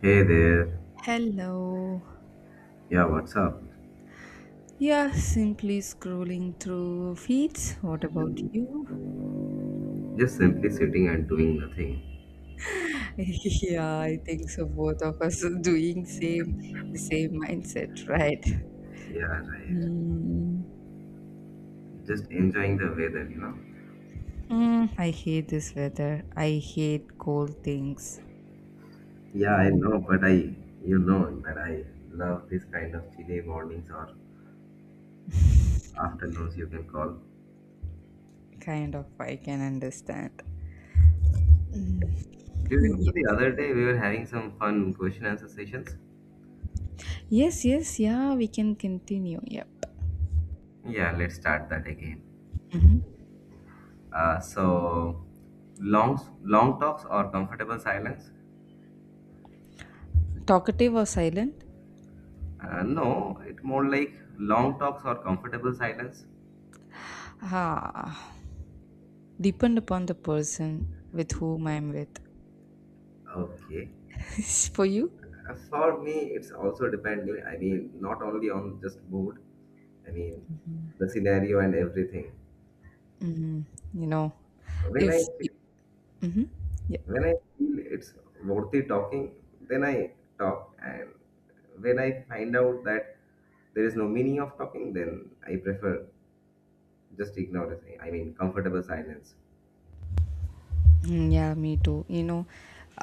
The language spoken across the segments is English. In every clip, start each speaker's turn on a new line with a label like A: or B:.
A: Hey there.
B: Hello.
A: Yeah, what's up?
B: Yeah, simply scrolling through feeds. What about you?
A: Just simply sitting and doing nothing.
B: Yeah, I think so. Both of us are doing same the same mindset, right?
A: Yeah, right.
B: Mm.
A: Just enjoying the weather,
B: I hate this weather. I hate cold things.
A: Yeah, I
B: Cold,
A: know, but I, you know, that I love this kind of chilly mornings or afternoons, you can call.
B: kind of. I can understand.
A: Do you remember
B: Yeah.
A: the other day we were having some fun question answer sessions?
B: Yes, yes, yeah. We can continue. Yep.
A: Yeah, let's start that again.
B: Mhm.
A: Uh, so, long long talks or comfortable silence?
B: Talkative or silent?
A: No, it more like long talks or comfortable silence.
B: Ah, depend upon the person with whom I'm with.
A: Okay.
B: For you?
A: As for me, it's also depending. I mean, not only on just mood. I mean, the scenario and everything.
B: Mm, you know,
A: When
B: if
A: I fe-
B: mm-hmm, yeah,
A: when I feel it's worthy talking, then I talk. And when I find out that there is no meaning of talking, then I prefer just ignore it. I mean, comfortable silence.
B: Mm, yeah, me too. You know,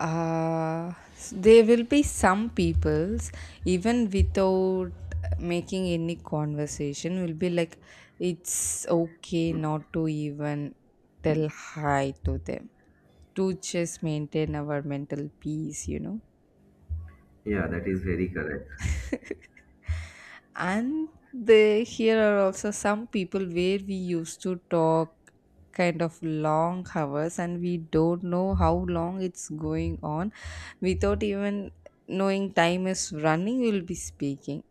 B: there will be some people's even without making any conversation will be like, it's okay not to even tell hi to them to just maintain our mental peace. You know,
A: Yeah, that is very correct.
B: and they here are also some people where we used to talk kind of long hours and we don't know how long it's going on without even knowing time is running we'll be speaking,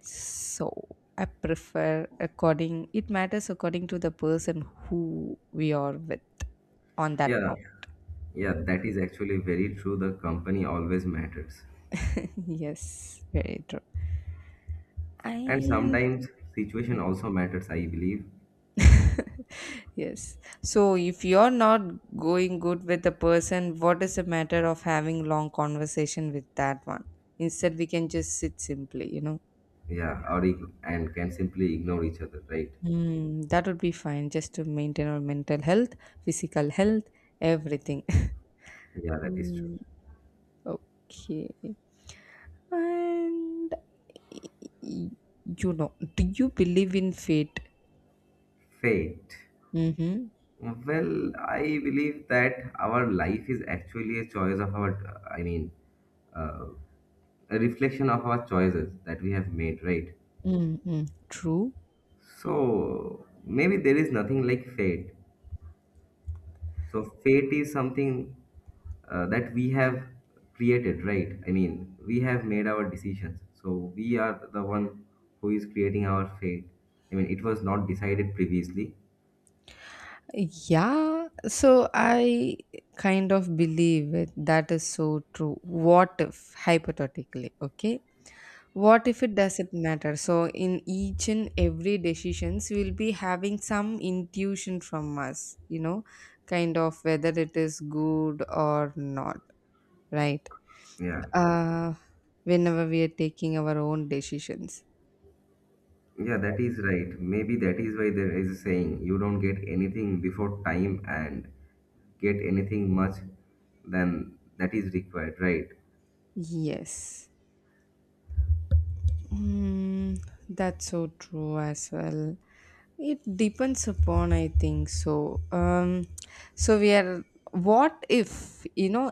B: so I prefer according it matters according to the person who we are with on that
A: Yeah,
B: point.
A: yeah, that is actually very true. The company always matters,
B: Yes, very true.
A: and
B: And
A: sometimes situation also matters. I believe
B: yes, so if you're not going good with the person, what is the matter of having long conversation with that one? Instead, we can just sit simply, you know.
A: and can simply ignore each other, right?
B: Mm, that would be fine just to maintain our mental health, physical health, everything.
A: Yeah, that is true.
B: Mm, okay. And y- y- you know, do you believe in fate?
A: Fate?
B: Mm-hmm.
A: Well, I believe that our life is actually a choice of our uh, a reflection of our choices that we have made, right?
B: Mm-hmm. True.
A: So maybe there is nothing like fate. So fate is something that we have created, right? I mean, we have made our decisions. So we are the one who is creating our fate. I mean, it was not decided previously.
B: Yeah, so I kind of believe it. That is so true. What if, hypothetically, okay? What if it doesn't matter? So in each and every decisions, we'll be having some intuition from us, you know, kind of whether it is good or not, right?
A: Yeah.
B: Uh, whenever we are taking our own decisions.
A: Yeah, that is right. Maybe that is why there is a saying, you don't get anything before time and get anything much than that is required, right?
B: Yes. Mm, that's so true as well. It depends upon, I think so. So we are. What if you know?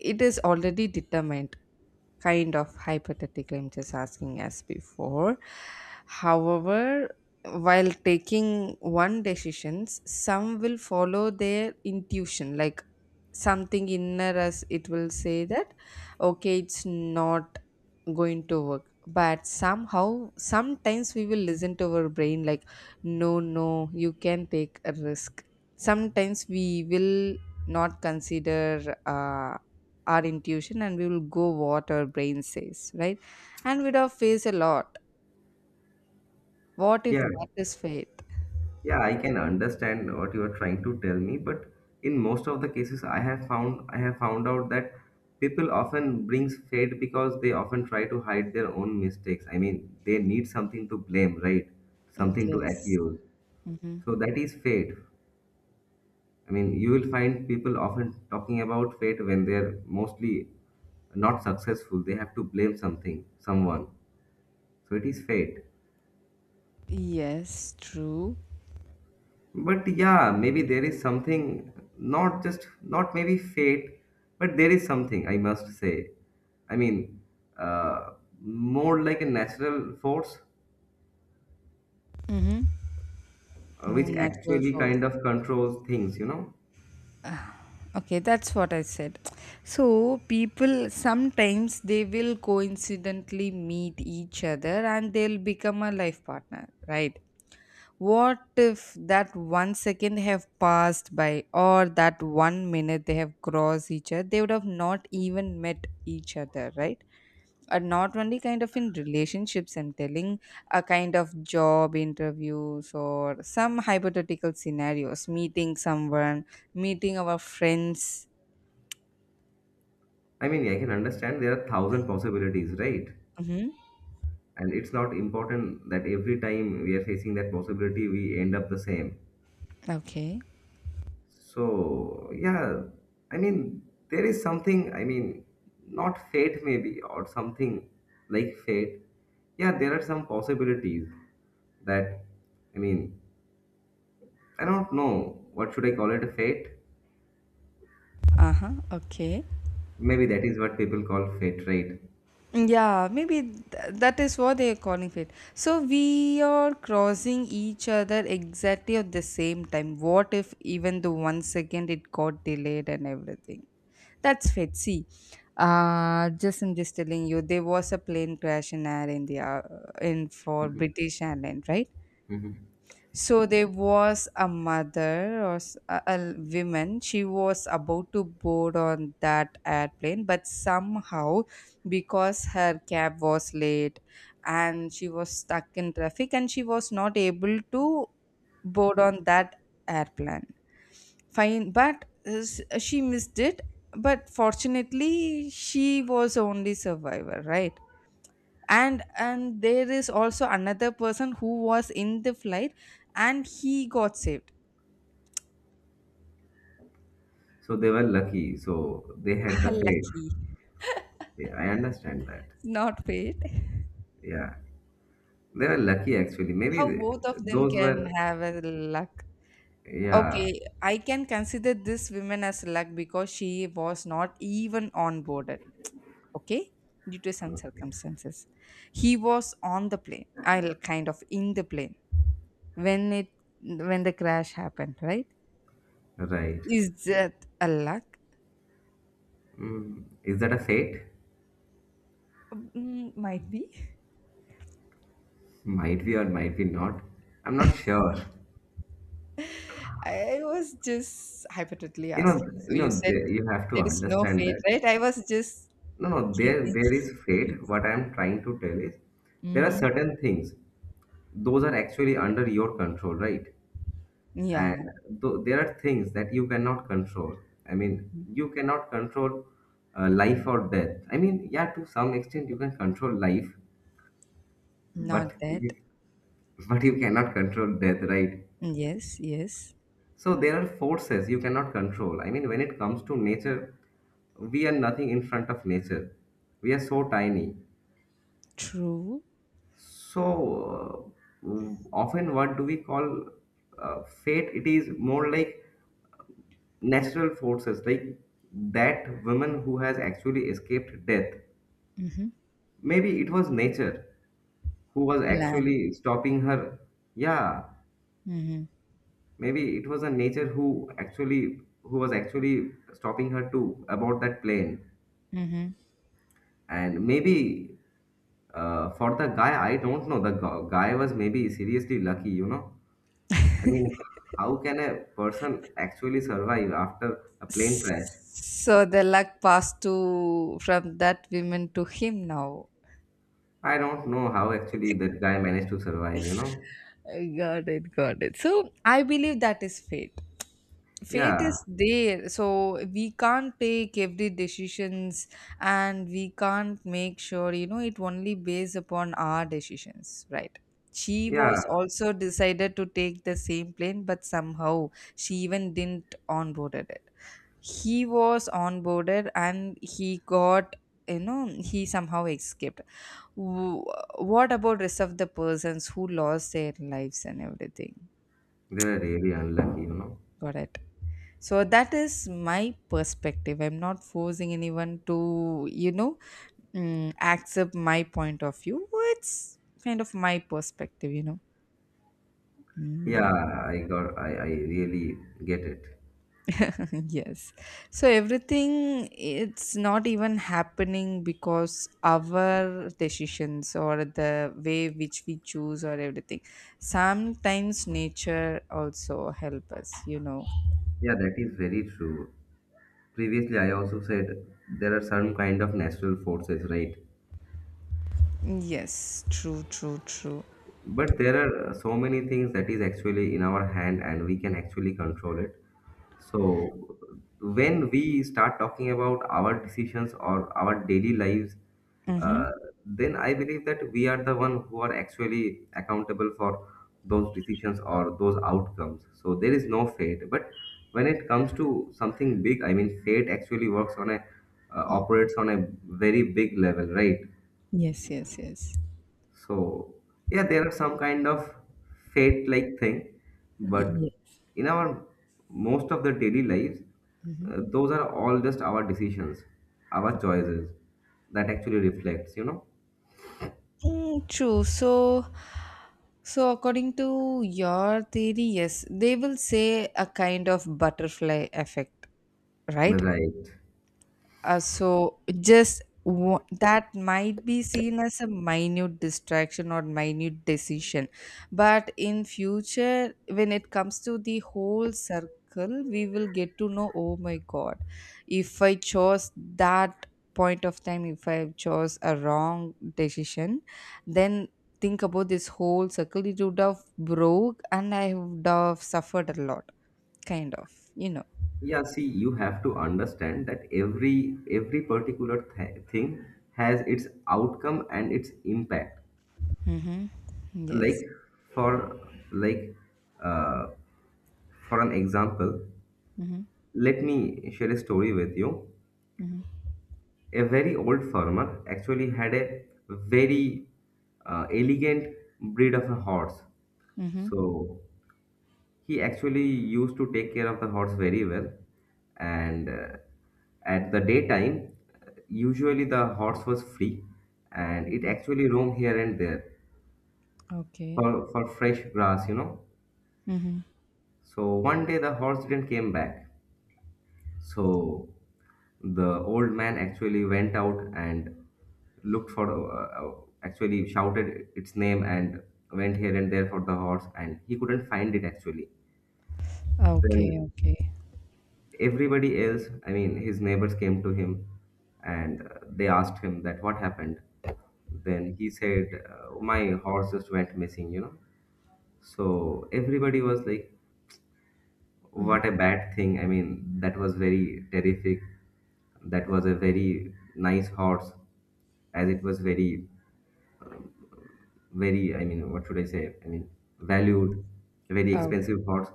B: It is already determined. Kind of hypothetically, I'm just asking as before. However, while taking one decisions, some will follow their intuition, like something inner us. It will say that, okay, it's not going to work. But somehow, sometimes we will listen to our brain, like no, no, you can take a risk. Sometimes we will not consider our intuition and we will go what our brain says, right? And we'd have faced a lot. What if
A: Yeah.
B: that is fate?
A: Yeah, I can understand what you are trying to tell me, but in most of the cases, I have found out that people often brings fate because they often try to hide their own mistakes. I mean, they need something to blame, right? Something to
B: Yes.
A: accuse.
B: Hmm.
A: So that is fate. I mean, you will find people often talking about fate when they're mostly not successful. They have to blame something, someone. So it is fate.
B: Yes, true.
A: But yeah, maybe there is something, not maybe fate, but there is something, I must say. I mean, uh, more like a natural force
B: Mm-hmm. More
A: which
B: natural
A: actually
B: force.
A: kind of controls things, you know?
B: Ah, okay, that's what I said. So, people sometimes they will coincidentally meet each other and they'll become a life partner, right? What if that one second have passed by or that one minute they have crossed each other? They would have not even met each other, right? And not only kind of in relationships, I'm telling a kind of job interviews or some hypothetical scenarios, meeting someone, meeting our friends.
A: I mean, I can understand there are thousand possibilities, right?
B: Mm-hmm.
A: And it's not important that every time we are facing that possibility, we end up the same.
B: Okay.
A: So, yeah, I mean, there is something, I mean, not fate maybe, or something like fate. Yeah, there are some possibilities that, I mean, I don't know, what should I call it, a fate?
B: Uh huh. Okay.
A: Maybe that is what people call fate, right?
B: Yeah, maybe that is what they are calling it. So we are crossing each other exactly at the same time. What if even the one second it got delayed and everything? That's fate. See, just I'm just telling you, there was a plane crash in Air India in for
A: Hmm.
B: British Airlines, right?
A: Hmm.
B: So there was a mother or a woman. She was about to board on that airplane, but somehow, because her cab was late and she was stuck in traffic, and she was not able to board on that airplane. Fine, but she missed it. But fortunately, she was the only survivor, right? And there is also another person who was in the flight and he got saved.
A: So they were lucky, so they had the fate.
B: Lucky,
A: Yeah, I understand that.
B: not fate.
A: Yeah, they were lucky actually.
B: How both of them
A: Those
B: can
A: were,
B: have a luck? Okay,
A: yeah,
B: I can consider this woman as luck because she was not even onboarded, okay, due to some circumstances. He was on the plane, I'll kind of in the plane when it when the crash happened, right?
A: right.
B: Is that a luck?
A: Mm. Is that a fate?
B: Mm, might be.
A: Might be or might be not. I'm not sure.
B: I was just hypothetically asking. So you said
A: You have to
B: there is no
A: understand
B: fate,
A: that.
B: right? I was just
A: No, no, there,
B: kidding.
A: there is fate. What I'm trying to tell is, there are
B: Mm-hmm.
A: certain things. Those are actually under your control, right?
B: Yeah,
A: And there are things that you cannot control. I mean, you cannot control life or death. I mean, yeah, to some extent you can control life, but
B: not that.
A: you- but you cannot control death, right?
B: Yes, yes.
A: So there are forces you cannot control. I mean, when it comes to nature, we are nothing in front of nature. We are so tiny.
B: True
A: So uh, often, what do we call fate? It is more like natural forces, like that woman who has actually escaped death. Maybe it was nature who was
B: plan.
A: actually stopping her. Yeah,
B: Mm-hmm.
A: maybe it was a nature who actually who was actually stopping her to abort that plane.
B: Mm-hmm.
A: And maybe for the guy, I don't know. The guy was maybe seriously lucky, you know. I mean, how can a person actually survive after a plane crash?
B: So the luck passed to from that woman to him now.
A: I don't know how actually that guy managed to survive, you know.
B: I got it, got it. So I believe that is fate. Fate is
A: Yeah,
B: there, so we can't take every decisions and we can't make sure, you know, it only based upon our decisions, right? She was
A: yeah,
B: also decided to take the same plane but somehow she even didn't onboarded it. He was onboarded and he got, you know, he somehow escaped. Wh- what about rest of the persons who lost their lives and everything?
A: they were really unlucky, you know.
B: Got it. So that is my perspective. I'm not forcing anyone to, you know, mm, accept my point of view. It's kind of my perspective, you know.
A: Yeah,
B: Mm.
A: I really get it.
B: Yes. So everything, it's not even happening because our decisions or the way which we choose or everything. Sometimes nature also help us, you know.
A: Yeah, that is very true. Previously, I also said there are some kind of natural forces, right?
B: Yes, true, true, true.
A: But there are so many things that is actually in our hand and we can actually control it. So when we start talking about our decisions or our daily lives,
B: Mm-hmm.
A: uh, then I believe that we are the one who are actually accountable for those decisions or those outcomes. So there is no fate, but when it comes to something big, I mean, fate actually works on a operates on a very big level, right?
B: Yes, yes, yes.
A: So yeah, there are some kind of fate like thing,
B: Yeah.
A: but in our most of the daily lives,
B: Mhm.
A: those are all just our decisions, our choices that actually reflects, you know.
B: Mm, true. So, so according to your theory, yes, they will say a kind of butterfly effect, right?
A: Right.
B: So just wa- that might be seen as a minute distraction or minute decision, but in future when it comes to the whole circle we will get to know, oh my god, if I chose that point of time, if I chose a wrong decision, then think about this whole circle, it would have broke and I would have suffered a lot, kind of, you know.
A: Yeah, see, you have to understand that every particular th thing has its outcome and its impact.
B: Mm-hmm. Yes.
A: Like for like uh, for an example,
B: Mm-hmm.
A: let me share a story with you. A very old farmer actually had a very elegant breed of a horse.
B: Mm-hmm.
A: So he actually used to take care of the horse very well. And at the daytime, usually the horse was free and it actually roamed here and there
B: Okay.
A: for fresh grass, you know.
B: Mm-hmm.
A: So one day the horse didn't came back. So the old man actually went out and looked for, actually shouted its name and went here and there for the horse, and he couldn't find it actually.
B: Okay,
A: Then
B: okay.
A: everybody else, I mean, his neighbors came to him and they asked him that what happened. Then he said, my horse just went missing, you know. So everybody was like,
B: Mm-hmm.
A: what a bad thing. I mean, that was very terrific. That was a very nice horse, as it was very, very, I mean, what should I say? I mean, valued, very
B: Oh,
A: expensive horse.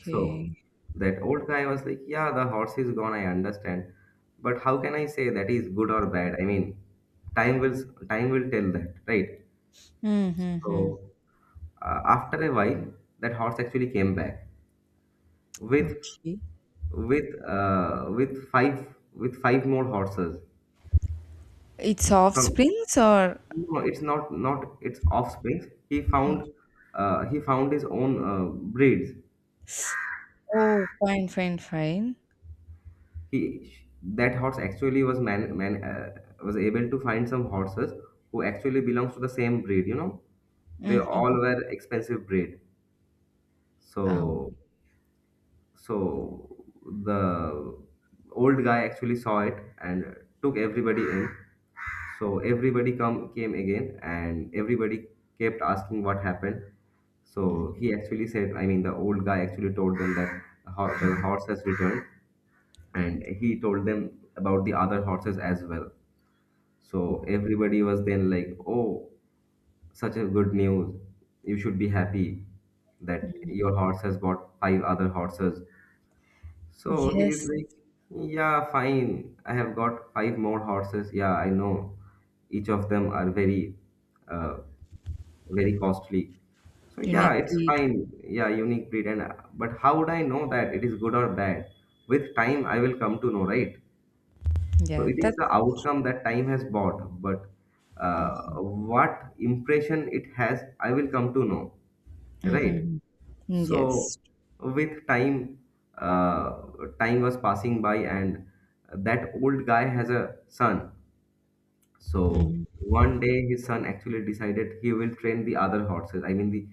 A: So that old guy was like, yeah, the horse is gone, I understand. But how can I say that is good or bad? I mean, time will time will tell that, right?
B: Mm-hmm.
A: So after a while, that horse actually came back with
B: Okay.
A: with five more horses.
B: It's off
A: From,
B: springs or
A: no, it's not its offspring. He found his own breeds.
B: oh, fine, fine, fine.
A: He That horse actually was man, man was able to find some horses who actually belongs to the same breed. You know, they all
B: Mm-hmm.
A: were expensive breed.
B: Oh.
A: So, so the old guy actually saw it and took everybody in. So everybody come came again, and everybody kept asking what happened. So he actually said, I mean, the old guy actually told them that the
B: Mm-hmm.
A: horse has returned, and he told them about the other horses as well. So everybody was then like, oh, such a good news. You should be happy that your horse has got five other horses. So he's
B: Yes,
A: like, yeah, fine. I have got five more horses. Yeah, I know. Each of them are very, uh, very costly. So yeah,
B: unique
A: it's
B: breed.
A: fine. Yeah, unique breed. And but how would I know that it is good or bad? With time, I will come to know, right? So
B: Yeah,
A: it is
B: that's
A: the outcome that time has bought, but what impression it has, I will come to know, right?
B: Mm-hmm.
A: So
B: Yes.
A: with time, uh, time was passing by, and that old guy has a son. So
B: Mm-hmm.
A: one day, his son actually decided he will train the other horses. I mean, the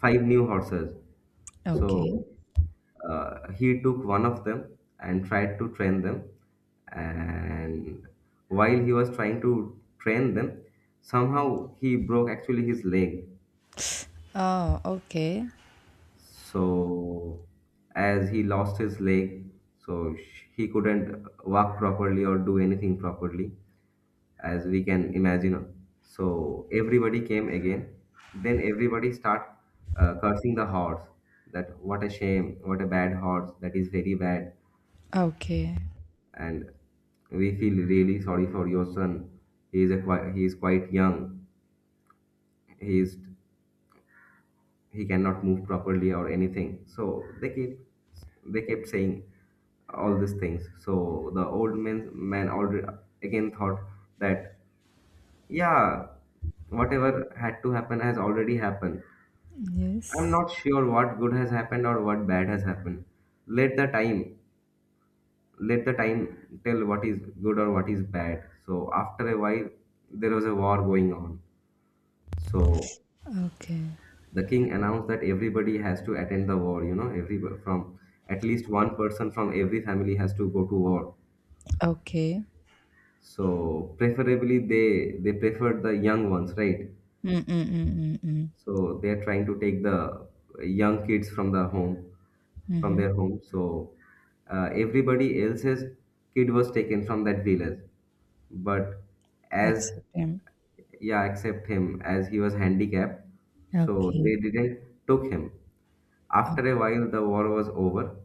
A: five new horses.
B: Okay.
A: So he took one of them and tried to train them. And while he was trying to train them, somehow he broke actually his leg.
B: Oh, okay.
A: So, as he lost his leg, so he couldn't walk properly or do anything properly, as we can imagine. So everybody came again. Then everybody start cursing the horse, that what a shame, what a bad horse, that is very bad,
B: Okay.
A: and we feel really sorry for your son. He is a he is quite young. He is he cannot move properly or anything. So they kept saying all these things. So the old man already again thought that yeah, whatever had to happen has already happened. I'm
B: Yes.
A: not sure what good has happened or what bad has happened. Let the time Let the time tell what is good or what is bad. So after a while there was a war going on. So
B: Okay.
A: the king announced that everybody has to attend the war, you know, every from at least one person from every family has to go to war.
B: Okay.
A: So preferably they preferred the young ones, right?
B: Mm-mm-mm-mm-mm.
A: So they are trying to take the young kids from the home, from
B: Mm-hmm.
A: their home. Everybody else's kid was taken from that village, but as
B: Accept him.
A: yeah, except him, as he was handicapped, so
B: Okay.
A: they didn't took him. After a while, the war was over,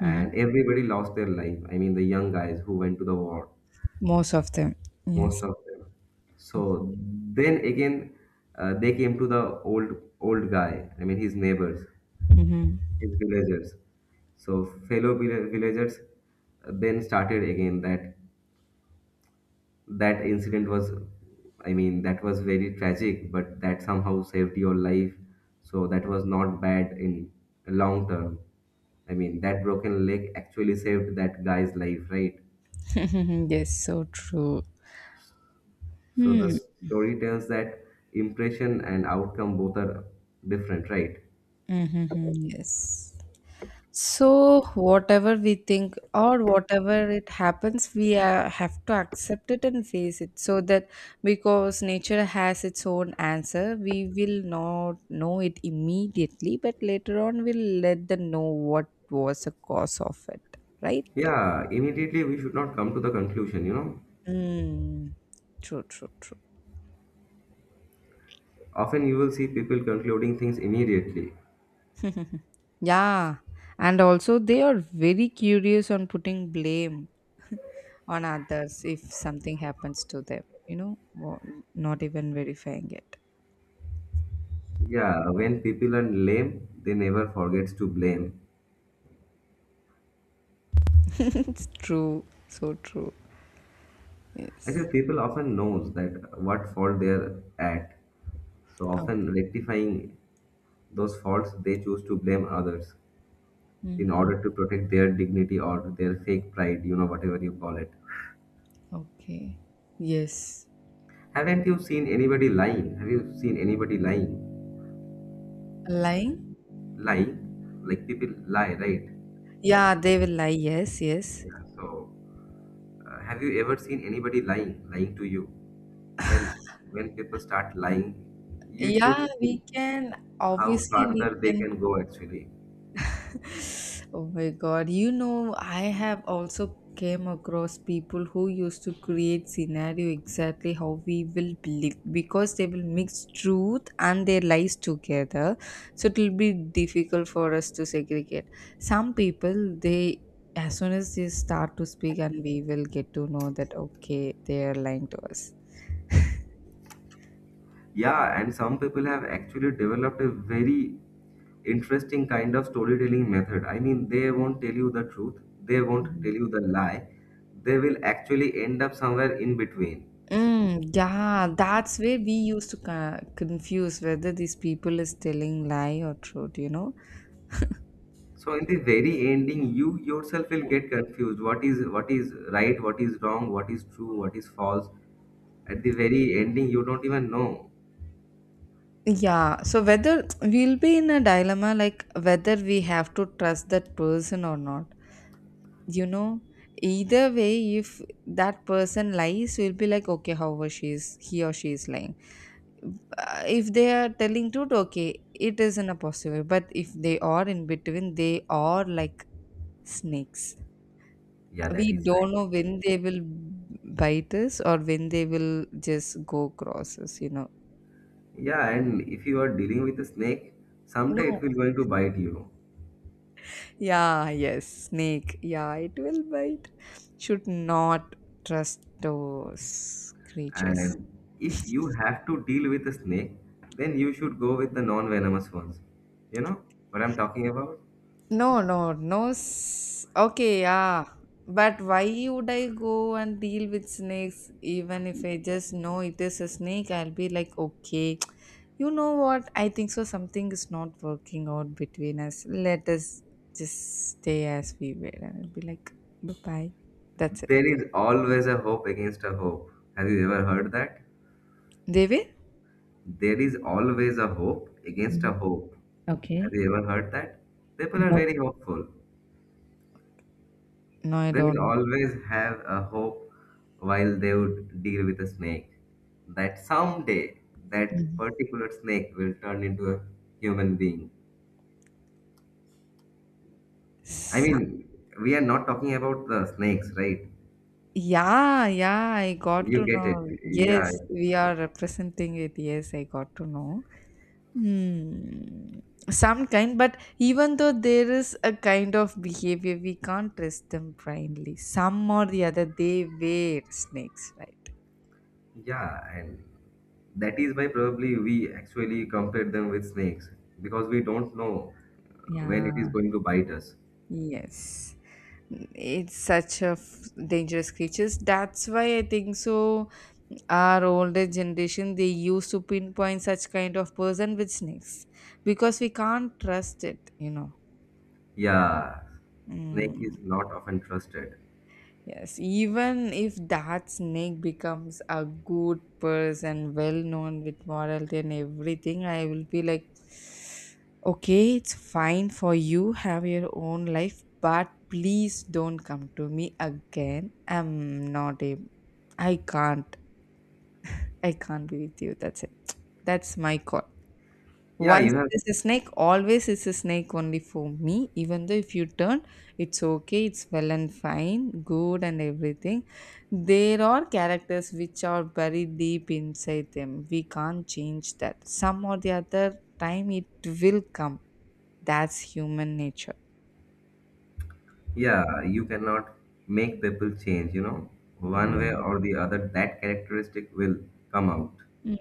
B: Mhm.
A: and everybody lost their life. I mean, the young guys who went to the war
B: Most of them,
A: most
B: yes.
A: of them so then again they came to the old guy. I mean his neighbors,
B: Mm-hmm.
A: his villagers, so fellow villagers then started again that that incident was, I mean, that was very tragic, but that somehow saved your life, so that was not bad in long term. I mean that broken leg actually saved that guy's life, right?
B: Yes, so true.
A: So the
B: Mm-hmm.
A: story tells that impression and outcome both are different, right?
B: Yes. So, whatever we think or whatever it happens, we have to accept it and face it. So that because nature has its own answer, we will not know it immediately, but later on we'll let them know what was the cause of it, right?
A: Yeah, immediately we should not come to the conclusion,
B: Mm. True, true, true.
A: Often you will see people concluding things immediately.
B: Yeah, and also they are very curious on putting blame on others if something happens to them, you know, not even verifying it.
A: Yeah, when people are lame, they never forgets to blame.
B: True, so true. Yes.
A: Actually, people often knows that what fault they are at. So
B: Oh.
A: often rectifying those faults, they choose to blame others in
B: Mhm.
A: order to protect their dignity or their fake pride, you know, whatever you call it.
B: Okay. Yes.
A: Haven't you seen anybody lying? Have you seen anybody lying?
B: Lying?
A: Lying? Like people lie, right?
B: Yeah, they will lie. Yes, yes.
A: Yeah. So, have you ever seen anybody lying, lying to you? When people start lying, you should
B: Yeah,
A: see
B: we can.
A: how
B: Obviously, we
A: farther they
B: can.
A: can go actually.
B: Oh my god, you know, I have also came across people who used to create scenario exactly how we will believe because they will mix truth and their lies together, so it will be difficult for us to segregate. Some people they, as soon as they start to speak and we will get to know that okay they are lying to us.
A: Yeah, and some people have actually developed a very interesting kind of storytelling method. I mean, they won't tell you the truth, they won't tell
B: Mhm.
A: you the lie. They will actually end up somewhere in between.
B: Mm, yeah, that's where we used to confuse whether these people is telling lie or truth, you know.
A: So in the very ending, you yourself will get confused. What is right? What is wrong? What is true? What is false? At the very ending, you don't even know.
B: Yeah, so whether we'll be in a dilemma like whether we have to trust that person or not. You know, either way, if that person lies, we'll be like, okay, however, she's he or she is lying. If they are telling truth, okay, it isn't a possible. But if they are in between, they are like snakes.
A: Yeah, that
B: We
A: is
B: don't
A: right.
B: know when they will bite us or when they will just go cross us, you know.
A: Yeah, and if you are dealing with a snake, someday
B: No,
A: it will going to bite you.
B: yeah, yes, snake. Yeah, it will bite. Should not trust those creatures.
A: And if you have to deal with a snake, then you should go with the non-venomous ones. You know what I'm talking about?
B: No, no, no. Okay, yeah. But why would I go and deal with snakes? Even if I just know it is a snake, I'll be like, okay, you know what? I think so. Something is not working out between us. Let us just stay as we were. And I'll be like, bye bye. That's it.
A: There is always a hope against a hope. Have you ever heard that?
B: Devi?
A: There is always a hope against a
B: Mm.
A: hope. Have
B: Okay.
A: you ever heard that? People are
B: No.
A: very hopeful.
B: No, I
A: They
B: don't
A: will
B: know.
A: always have a hope while they would deal with a snake. That someday that particular snake will turn into a human being. I
B: S
A: mean, we are not talking about the snakes, right?
B: yeah, yeah, I got
A: You
B: to
A: get it.
B: know.
A: Yeah.
B: Yes, we are representing it. Yes, I got to know. Hmm. Some kind, but even though there is a kind of behavior, we can't trust them blindly. Some or the other, they were snakes, right?
A: Yeah. And that is why probably we actually compare them with snakes because we don't know when it is
B: Yeah,
A: going to bite us.
B: yes. It's such a dangerous creatures. That's why I think so our older generation they used to pinpoint such kind of person with snakes because we can't trust it you know.
A: Yeah, snake
B: Mm.
A: is not often trusted.
B: Yes, even if that snake becomes a good person well known with morality and everything I will be like, okay it's fine for you, have your own life, but please don't come to me again. I'm not a i can't I can't be with you, that's it. That's my call.
A: Yeah,
B: Once
A: you have.
B: it is a snake, always is a snake only for me. Even though if you turn, it's okay, it's well and fine, good and everything. There are characters which are buried deep inside them. We can't change that. Some or the other time it will come. That's human nature.
A: Yeah, you cannot make people change. You know, one way
B: Yeah.
A: or the other, that characteristic will come out.
B: Mm,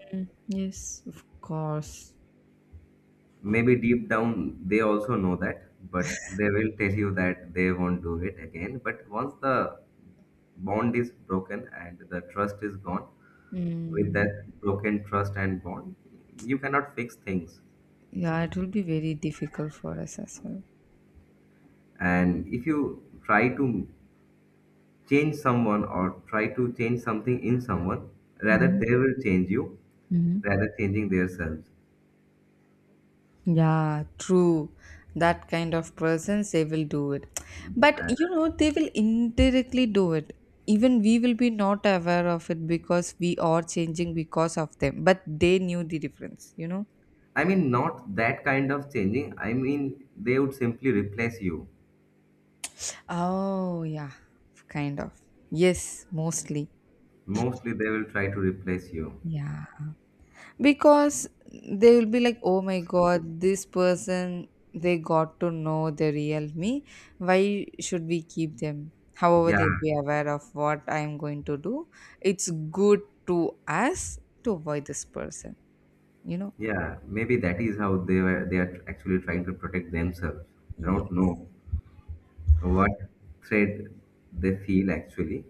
B: yes, of course.
A: Maybe deep down they also know that, but they will tell you that they won't do it again. But once the bond is broken and the trust is gone, with
B: Mm.
A: that broken trust and bond, you cannot fix things.
B: Yeah, it will be very difficult for us as well.
A: And if you try to change someone or try to change something in someone, rather
B: Mhm,
A: they will change you,
B: mhm.
A: rather changing themselves.
B: Yeah, true. That kind of persons, they will do it. But
A: Uh,
B: they will indirectly do it. Even we will be not aware of it because we are changing because of them. But they knew the difference, you know?
A: I mean, not that kind of changing. I mean, they would simply replace you.
B: Oh, yeah, kind of. Yes, mostly.
A: Mostly, they will try to replace you.
B: Yeah. Because they will be like, oh my god, this person, they got to know the real me. Why should we keep them? However,
A: Yeah,
B: they'll be aware of what I am going to do. It's good to us to avoid this person you know
A: yeah. Maybe that is how they were. They are actually trying to protect themselves. I
B: yeah.
A: don't know what threat they feel actually,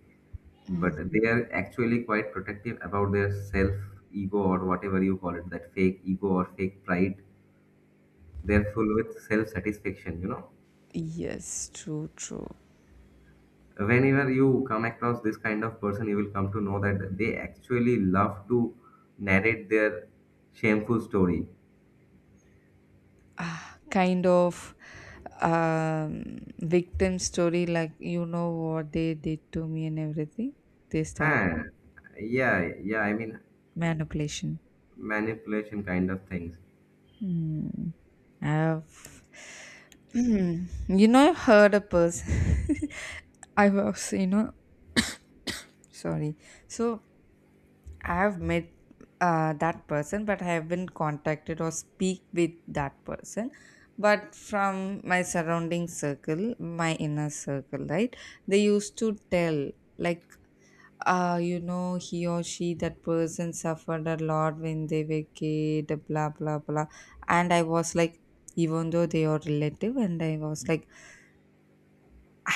A: but
B: Mm.
A: they are actually quite protective about their self ego or whatever you call it, that fake ego or fake pride. They're full with self-satisfaction, you know.
B: Yes, true, true.
A: Whenever you come across this kind of person you will come to know that they actually love to narrate their shameful story.
B: Ah, kind of, um victim story, like, you know what they did to me and everything. They start
A: Huh. Yeah, yeah, I mean
B: manipulation.
A: manipulation kind of things.
B: Hmm. I've, I've heard a person. I was, sorry. So I've met that person, but I haven't contacted or speak with that person. But from my surrounding circle, my inner circle, right? They used to tell, like, he or she, that person suffered a lot when they were kid, blah, blah, blah. And I was like, even though they are relative, and I was like,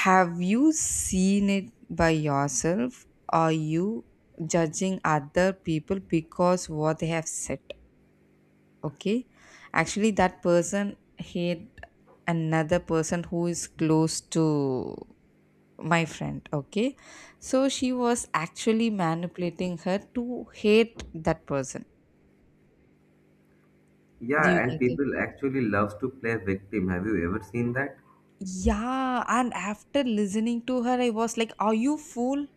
B: have you seen it by yourself? Are you judging other people because what they have said? Okay. Actually, that person hate another person who is close to my friend. Okay, so she was actually manipulating her to hate that person. Do you
A: Yeah, and
B: get it?
A: people actually loves to play victim. Have you ever seen that?
B: Yeah. And after listening to her, I was like, are you fool?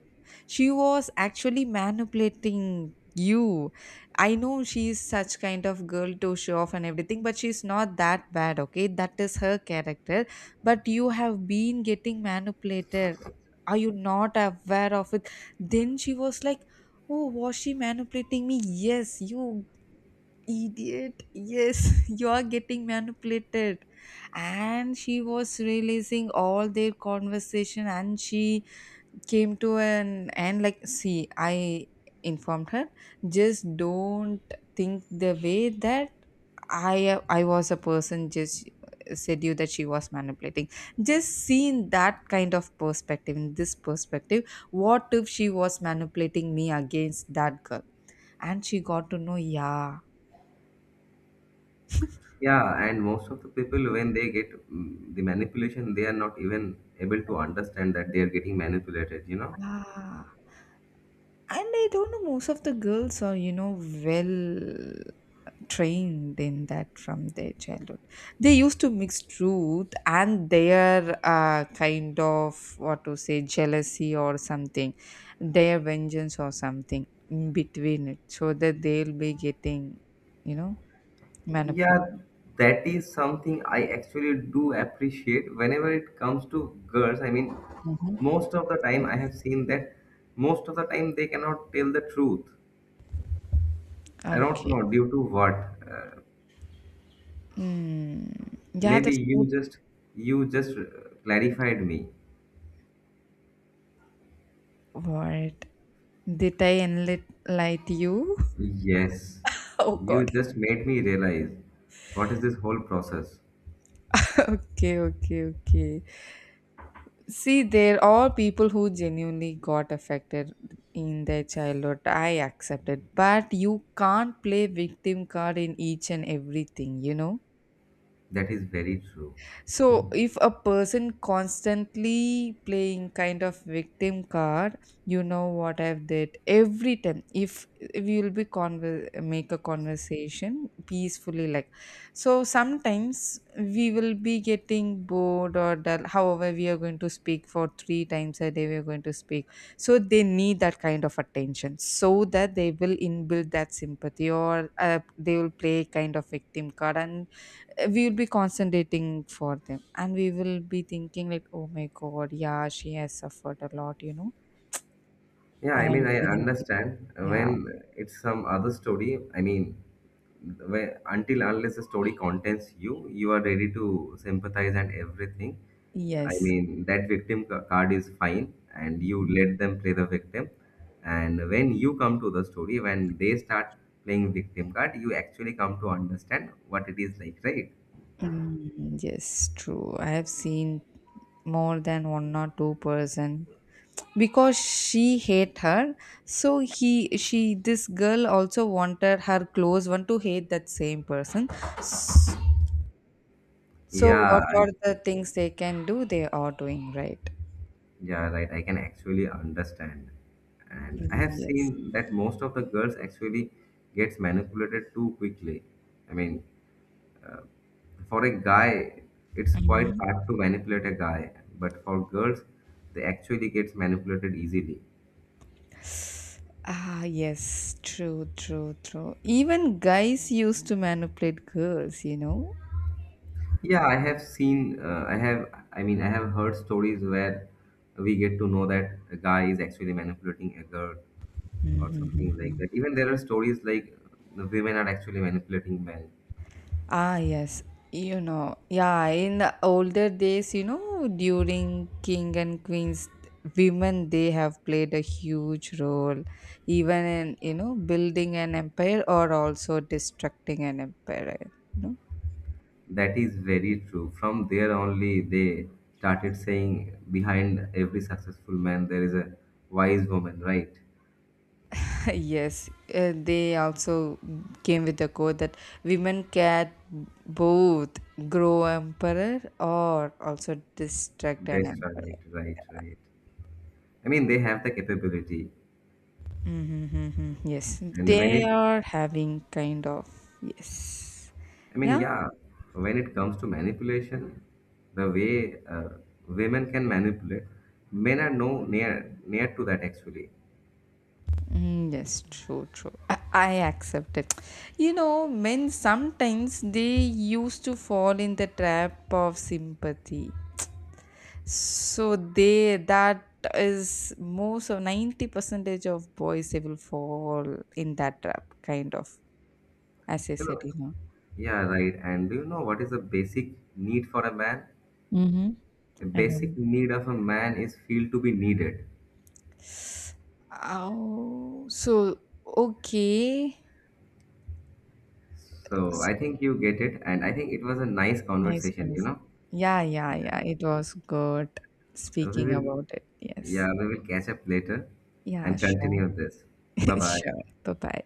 B: She was actually manipulating you. I know she is such kind of girl to show off and everything, but she's not that bad. Okay, that is her character. But you have been getting manipulated. Are you not aware of it? Then she was like, oh, was she manipulating me? Yes, you idiot, yes. You are getting manipulated. And she was releasing all their conversation, and she came to an end, like, see, I informed her, just don't think the way that I was a person just said you that she was manipulating. Just see in that kind of perspective, in this perspective, what if she was manipulating me against that girl, and she got to know. Yeah.
A: Yeah, and most of the people when they get the manipulation, they are not even able to understand that they are getting manipulated, you know.
B: Ah. And I don't know, most of the girls are well trained in that from their childhood. They used to mix truth and their kind of, what to say, jealousy or something, their vengeance or something in between it, so that they'll be getting you know manipulated.
A: Yeah, that is something I actually do appreciate whenever it comes to girls. I mean, most of the time I
B: Yes.
A: have seen that most of the time they cannot tell the truth. I don't
B: Okay.
A: know due to what. Uh,
B: Mm. Yeah, the
A: maybe
B: truth.
A: you just you just clarified me.
B: What did I enlight you?
A: Yes,
B: Oh
A: you
B: god.
A: just made me realize what is this whole process.
B: Okay, okay, okay. See, there are people who genuinely got affected in their childhood. I accept it. But you can't play victim card in each and everything, you know?
A: That is very true.
B: So, if a person constantly playing kind of victim card, you know what I've did every time. If you'll be make a conversation peacefully, like, so, sometimes we will be getting bored or dull. However, we are going to speak for three times a day. We are going to speak, so they need that kind of attention, so that they will inbuild that sympathy, or they will play kind of victim card, and we will be concentrating for them and we will be thinking like, oh my god, yeah, she has suffered a lot, you know,
A: Yeah,
B: I
A: I
B: am
A: mean, I
B: feeling it."
A: understand
B: Yeah.
A: when it's some other story. I mean, when, until unless the story contents you, you are ready to sympathize and everything. I
B: Yes.
A: mean, that victim card is fine, and you let them play the victim. And when you come to the story, when they start playing victim card, you actually come to understand what it is like, right?
B: Mm, yes, true. I have seen more than one or two-person because she hate her. So he, she, this girl also wanted her close one to hate that same person. S- So
A: Yeah,
B: what are the things they can do? They are doing right.
A: yeah, right. I can actually understand. And I have
B: Mm, yes.
A: seen that most of the girls actually gets manipulated too quickly. I mean, for a guy, it's quite
B: Mm-hmm.
A: hard to manipulate a guy, but for girls, they actually gets manipulated easily.
B: Ah, yes, true, true, true. Even guys used to manipulate girls.
A: Yeah, I have seen, I have, I mean, I have heard stories where we get to know that a guy is actually manipulating a girl or something like that. Even there are stories like women are actually manipulating men.
B: Ah, yes. Yeah, in the older days, during king and queens, women they have played a huge role, even in building an empire or also destructing an empire. You know?
A: That is very true. From there only they started saying behind every successful man there is a wise woman, right?
B: Yes, they also came with the quote that women can both grow emperor or also distract an
A: That's
B: emperor.
A: right, right, right. I mean they have the capability.
B: Mm-hmm. Yes,
A: And when
B: they
A: it
B: are having kind of yes,
A: I mean
B: yeah,
A: yeah, when it comes to manipulation, the way women can manipulate, men are no near to that actually.
B: mm, yes, true, true. I accept it. Men sometimes they used to fall in the trap of sympathy. So they, that is, most of 90 percentage of boys they will fall in that trap kind of, as I
A: You
B: said
A: know,
B: you know
A: yeah, right. And do you know what is the basic need for a man?
B: Mm-hmm.
A: A
B: I
A: basic
B: don't.
A: need of a man is feel to be needed.
B: Oh, so, okay.
A: So
B: S-
A: I think you get it, and I think it was a nice
B: Nice
A: conversation, you
B: conversation.
A: know.
B: Yeah, yeah, yeah, it was good
A: We
B: speaking
A: will,
B: about it, yes.
A: yeah, we will catch up later
B: Yeah,
A: and
B: sure.
A: continue this. Bye bye.
B: Sure. Bye bye.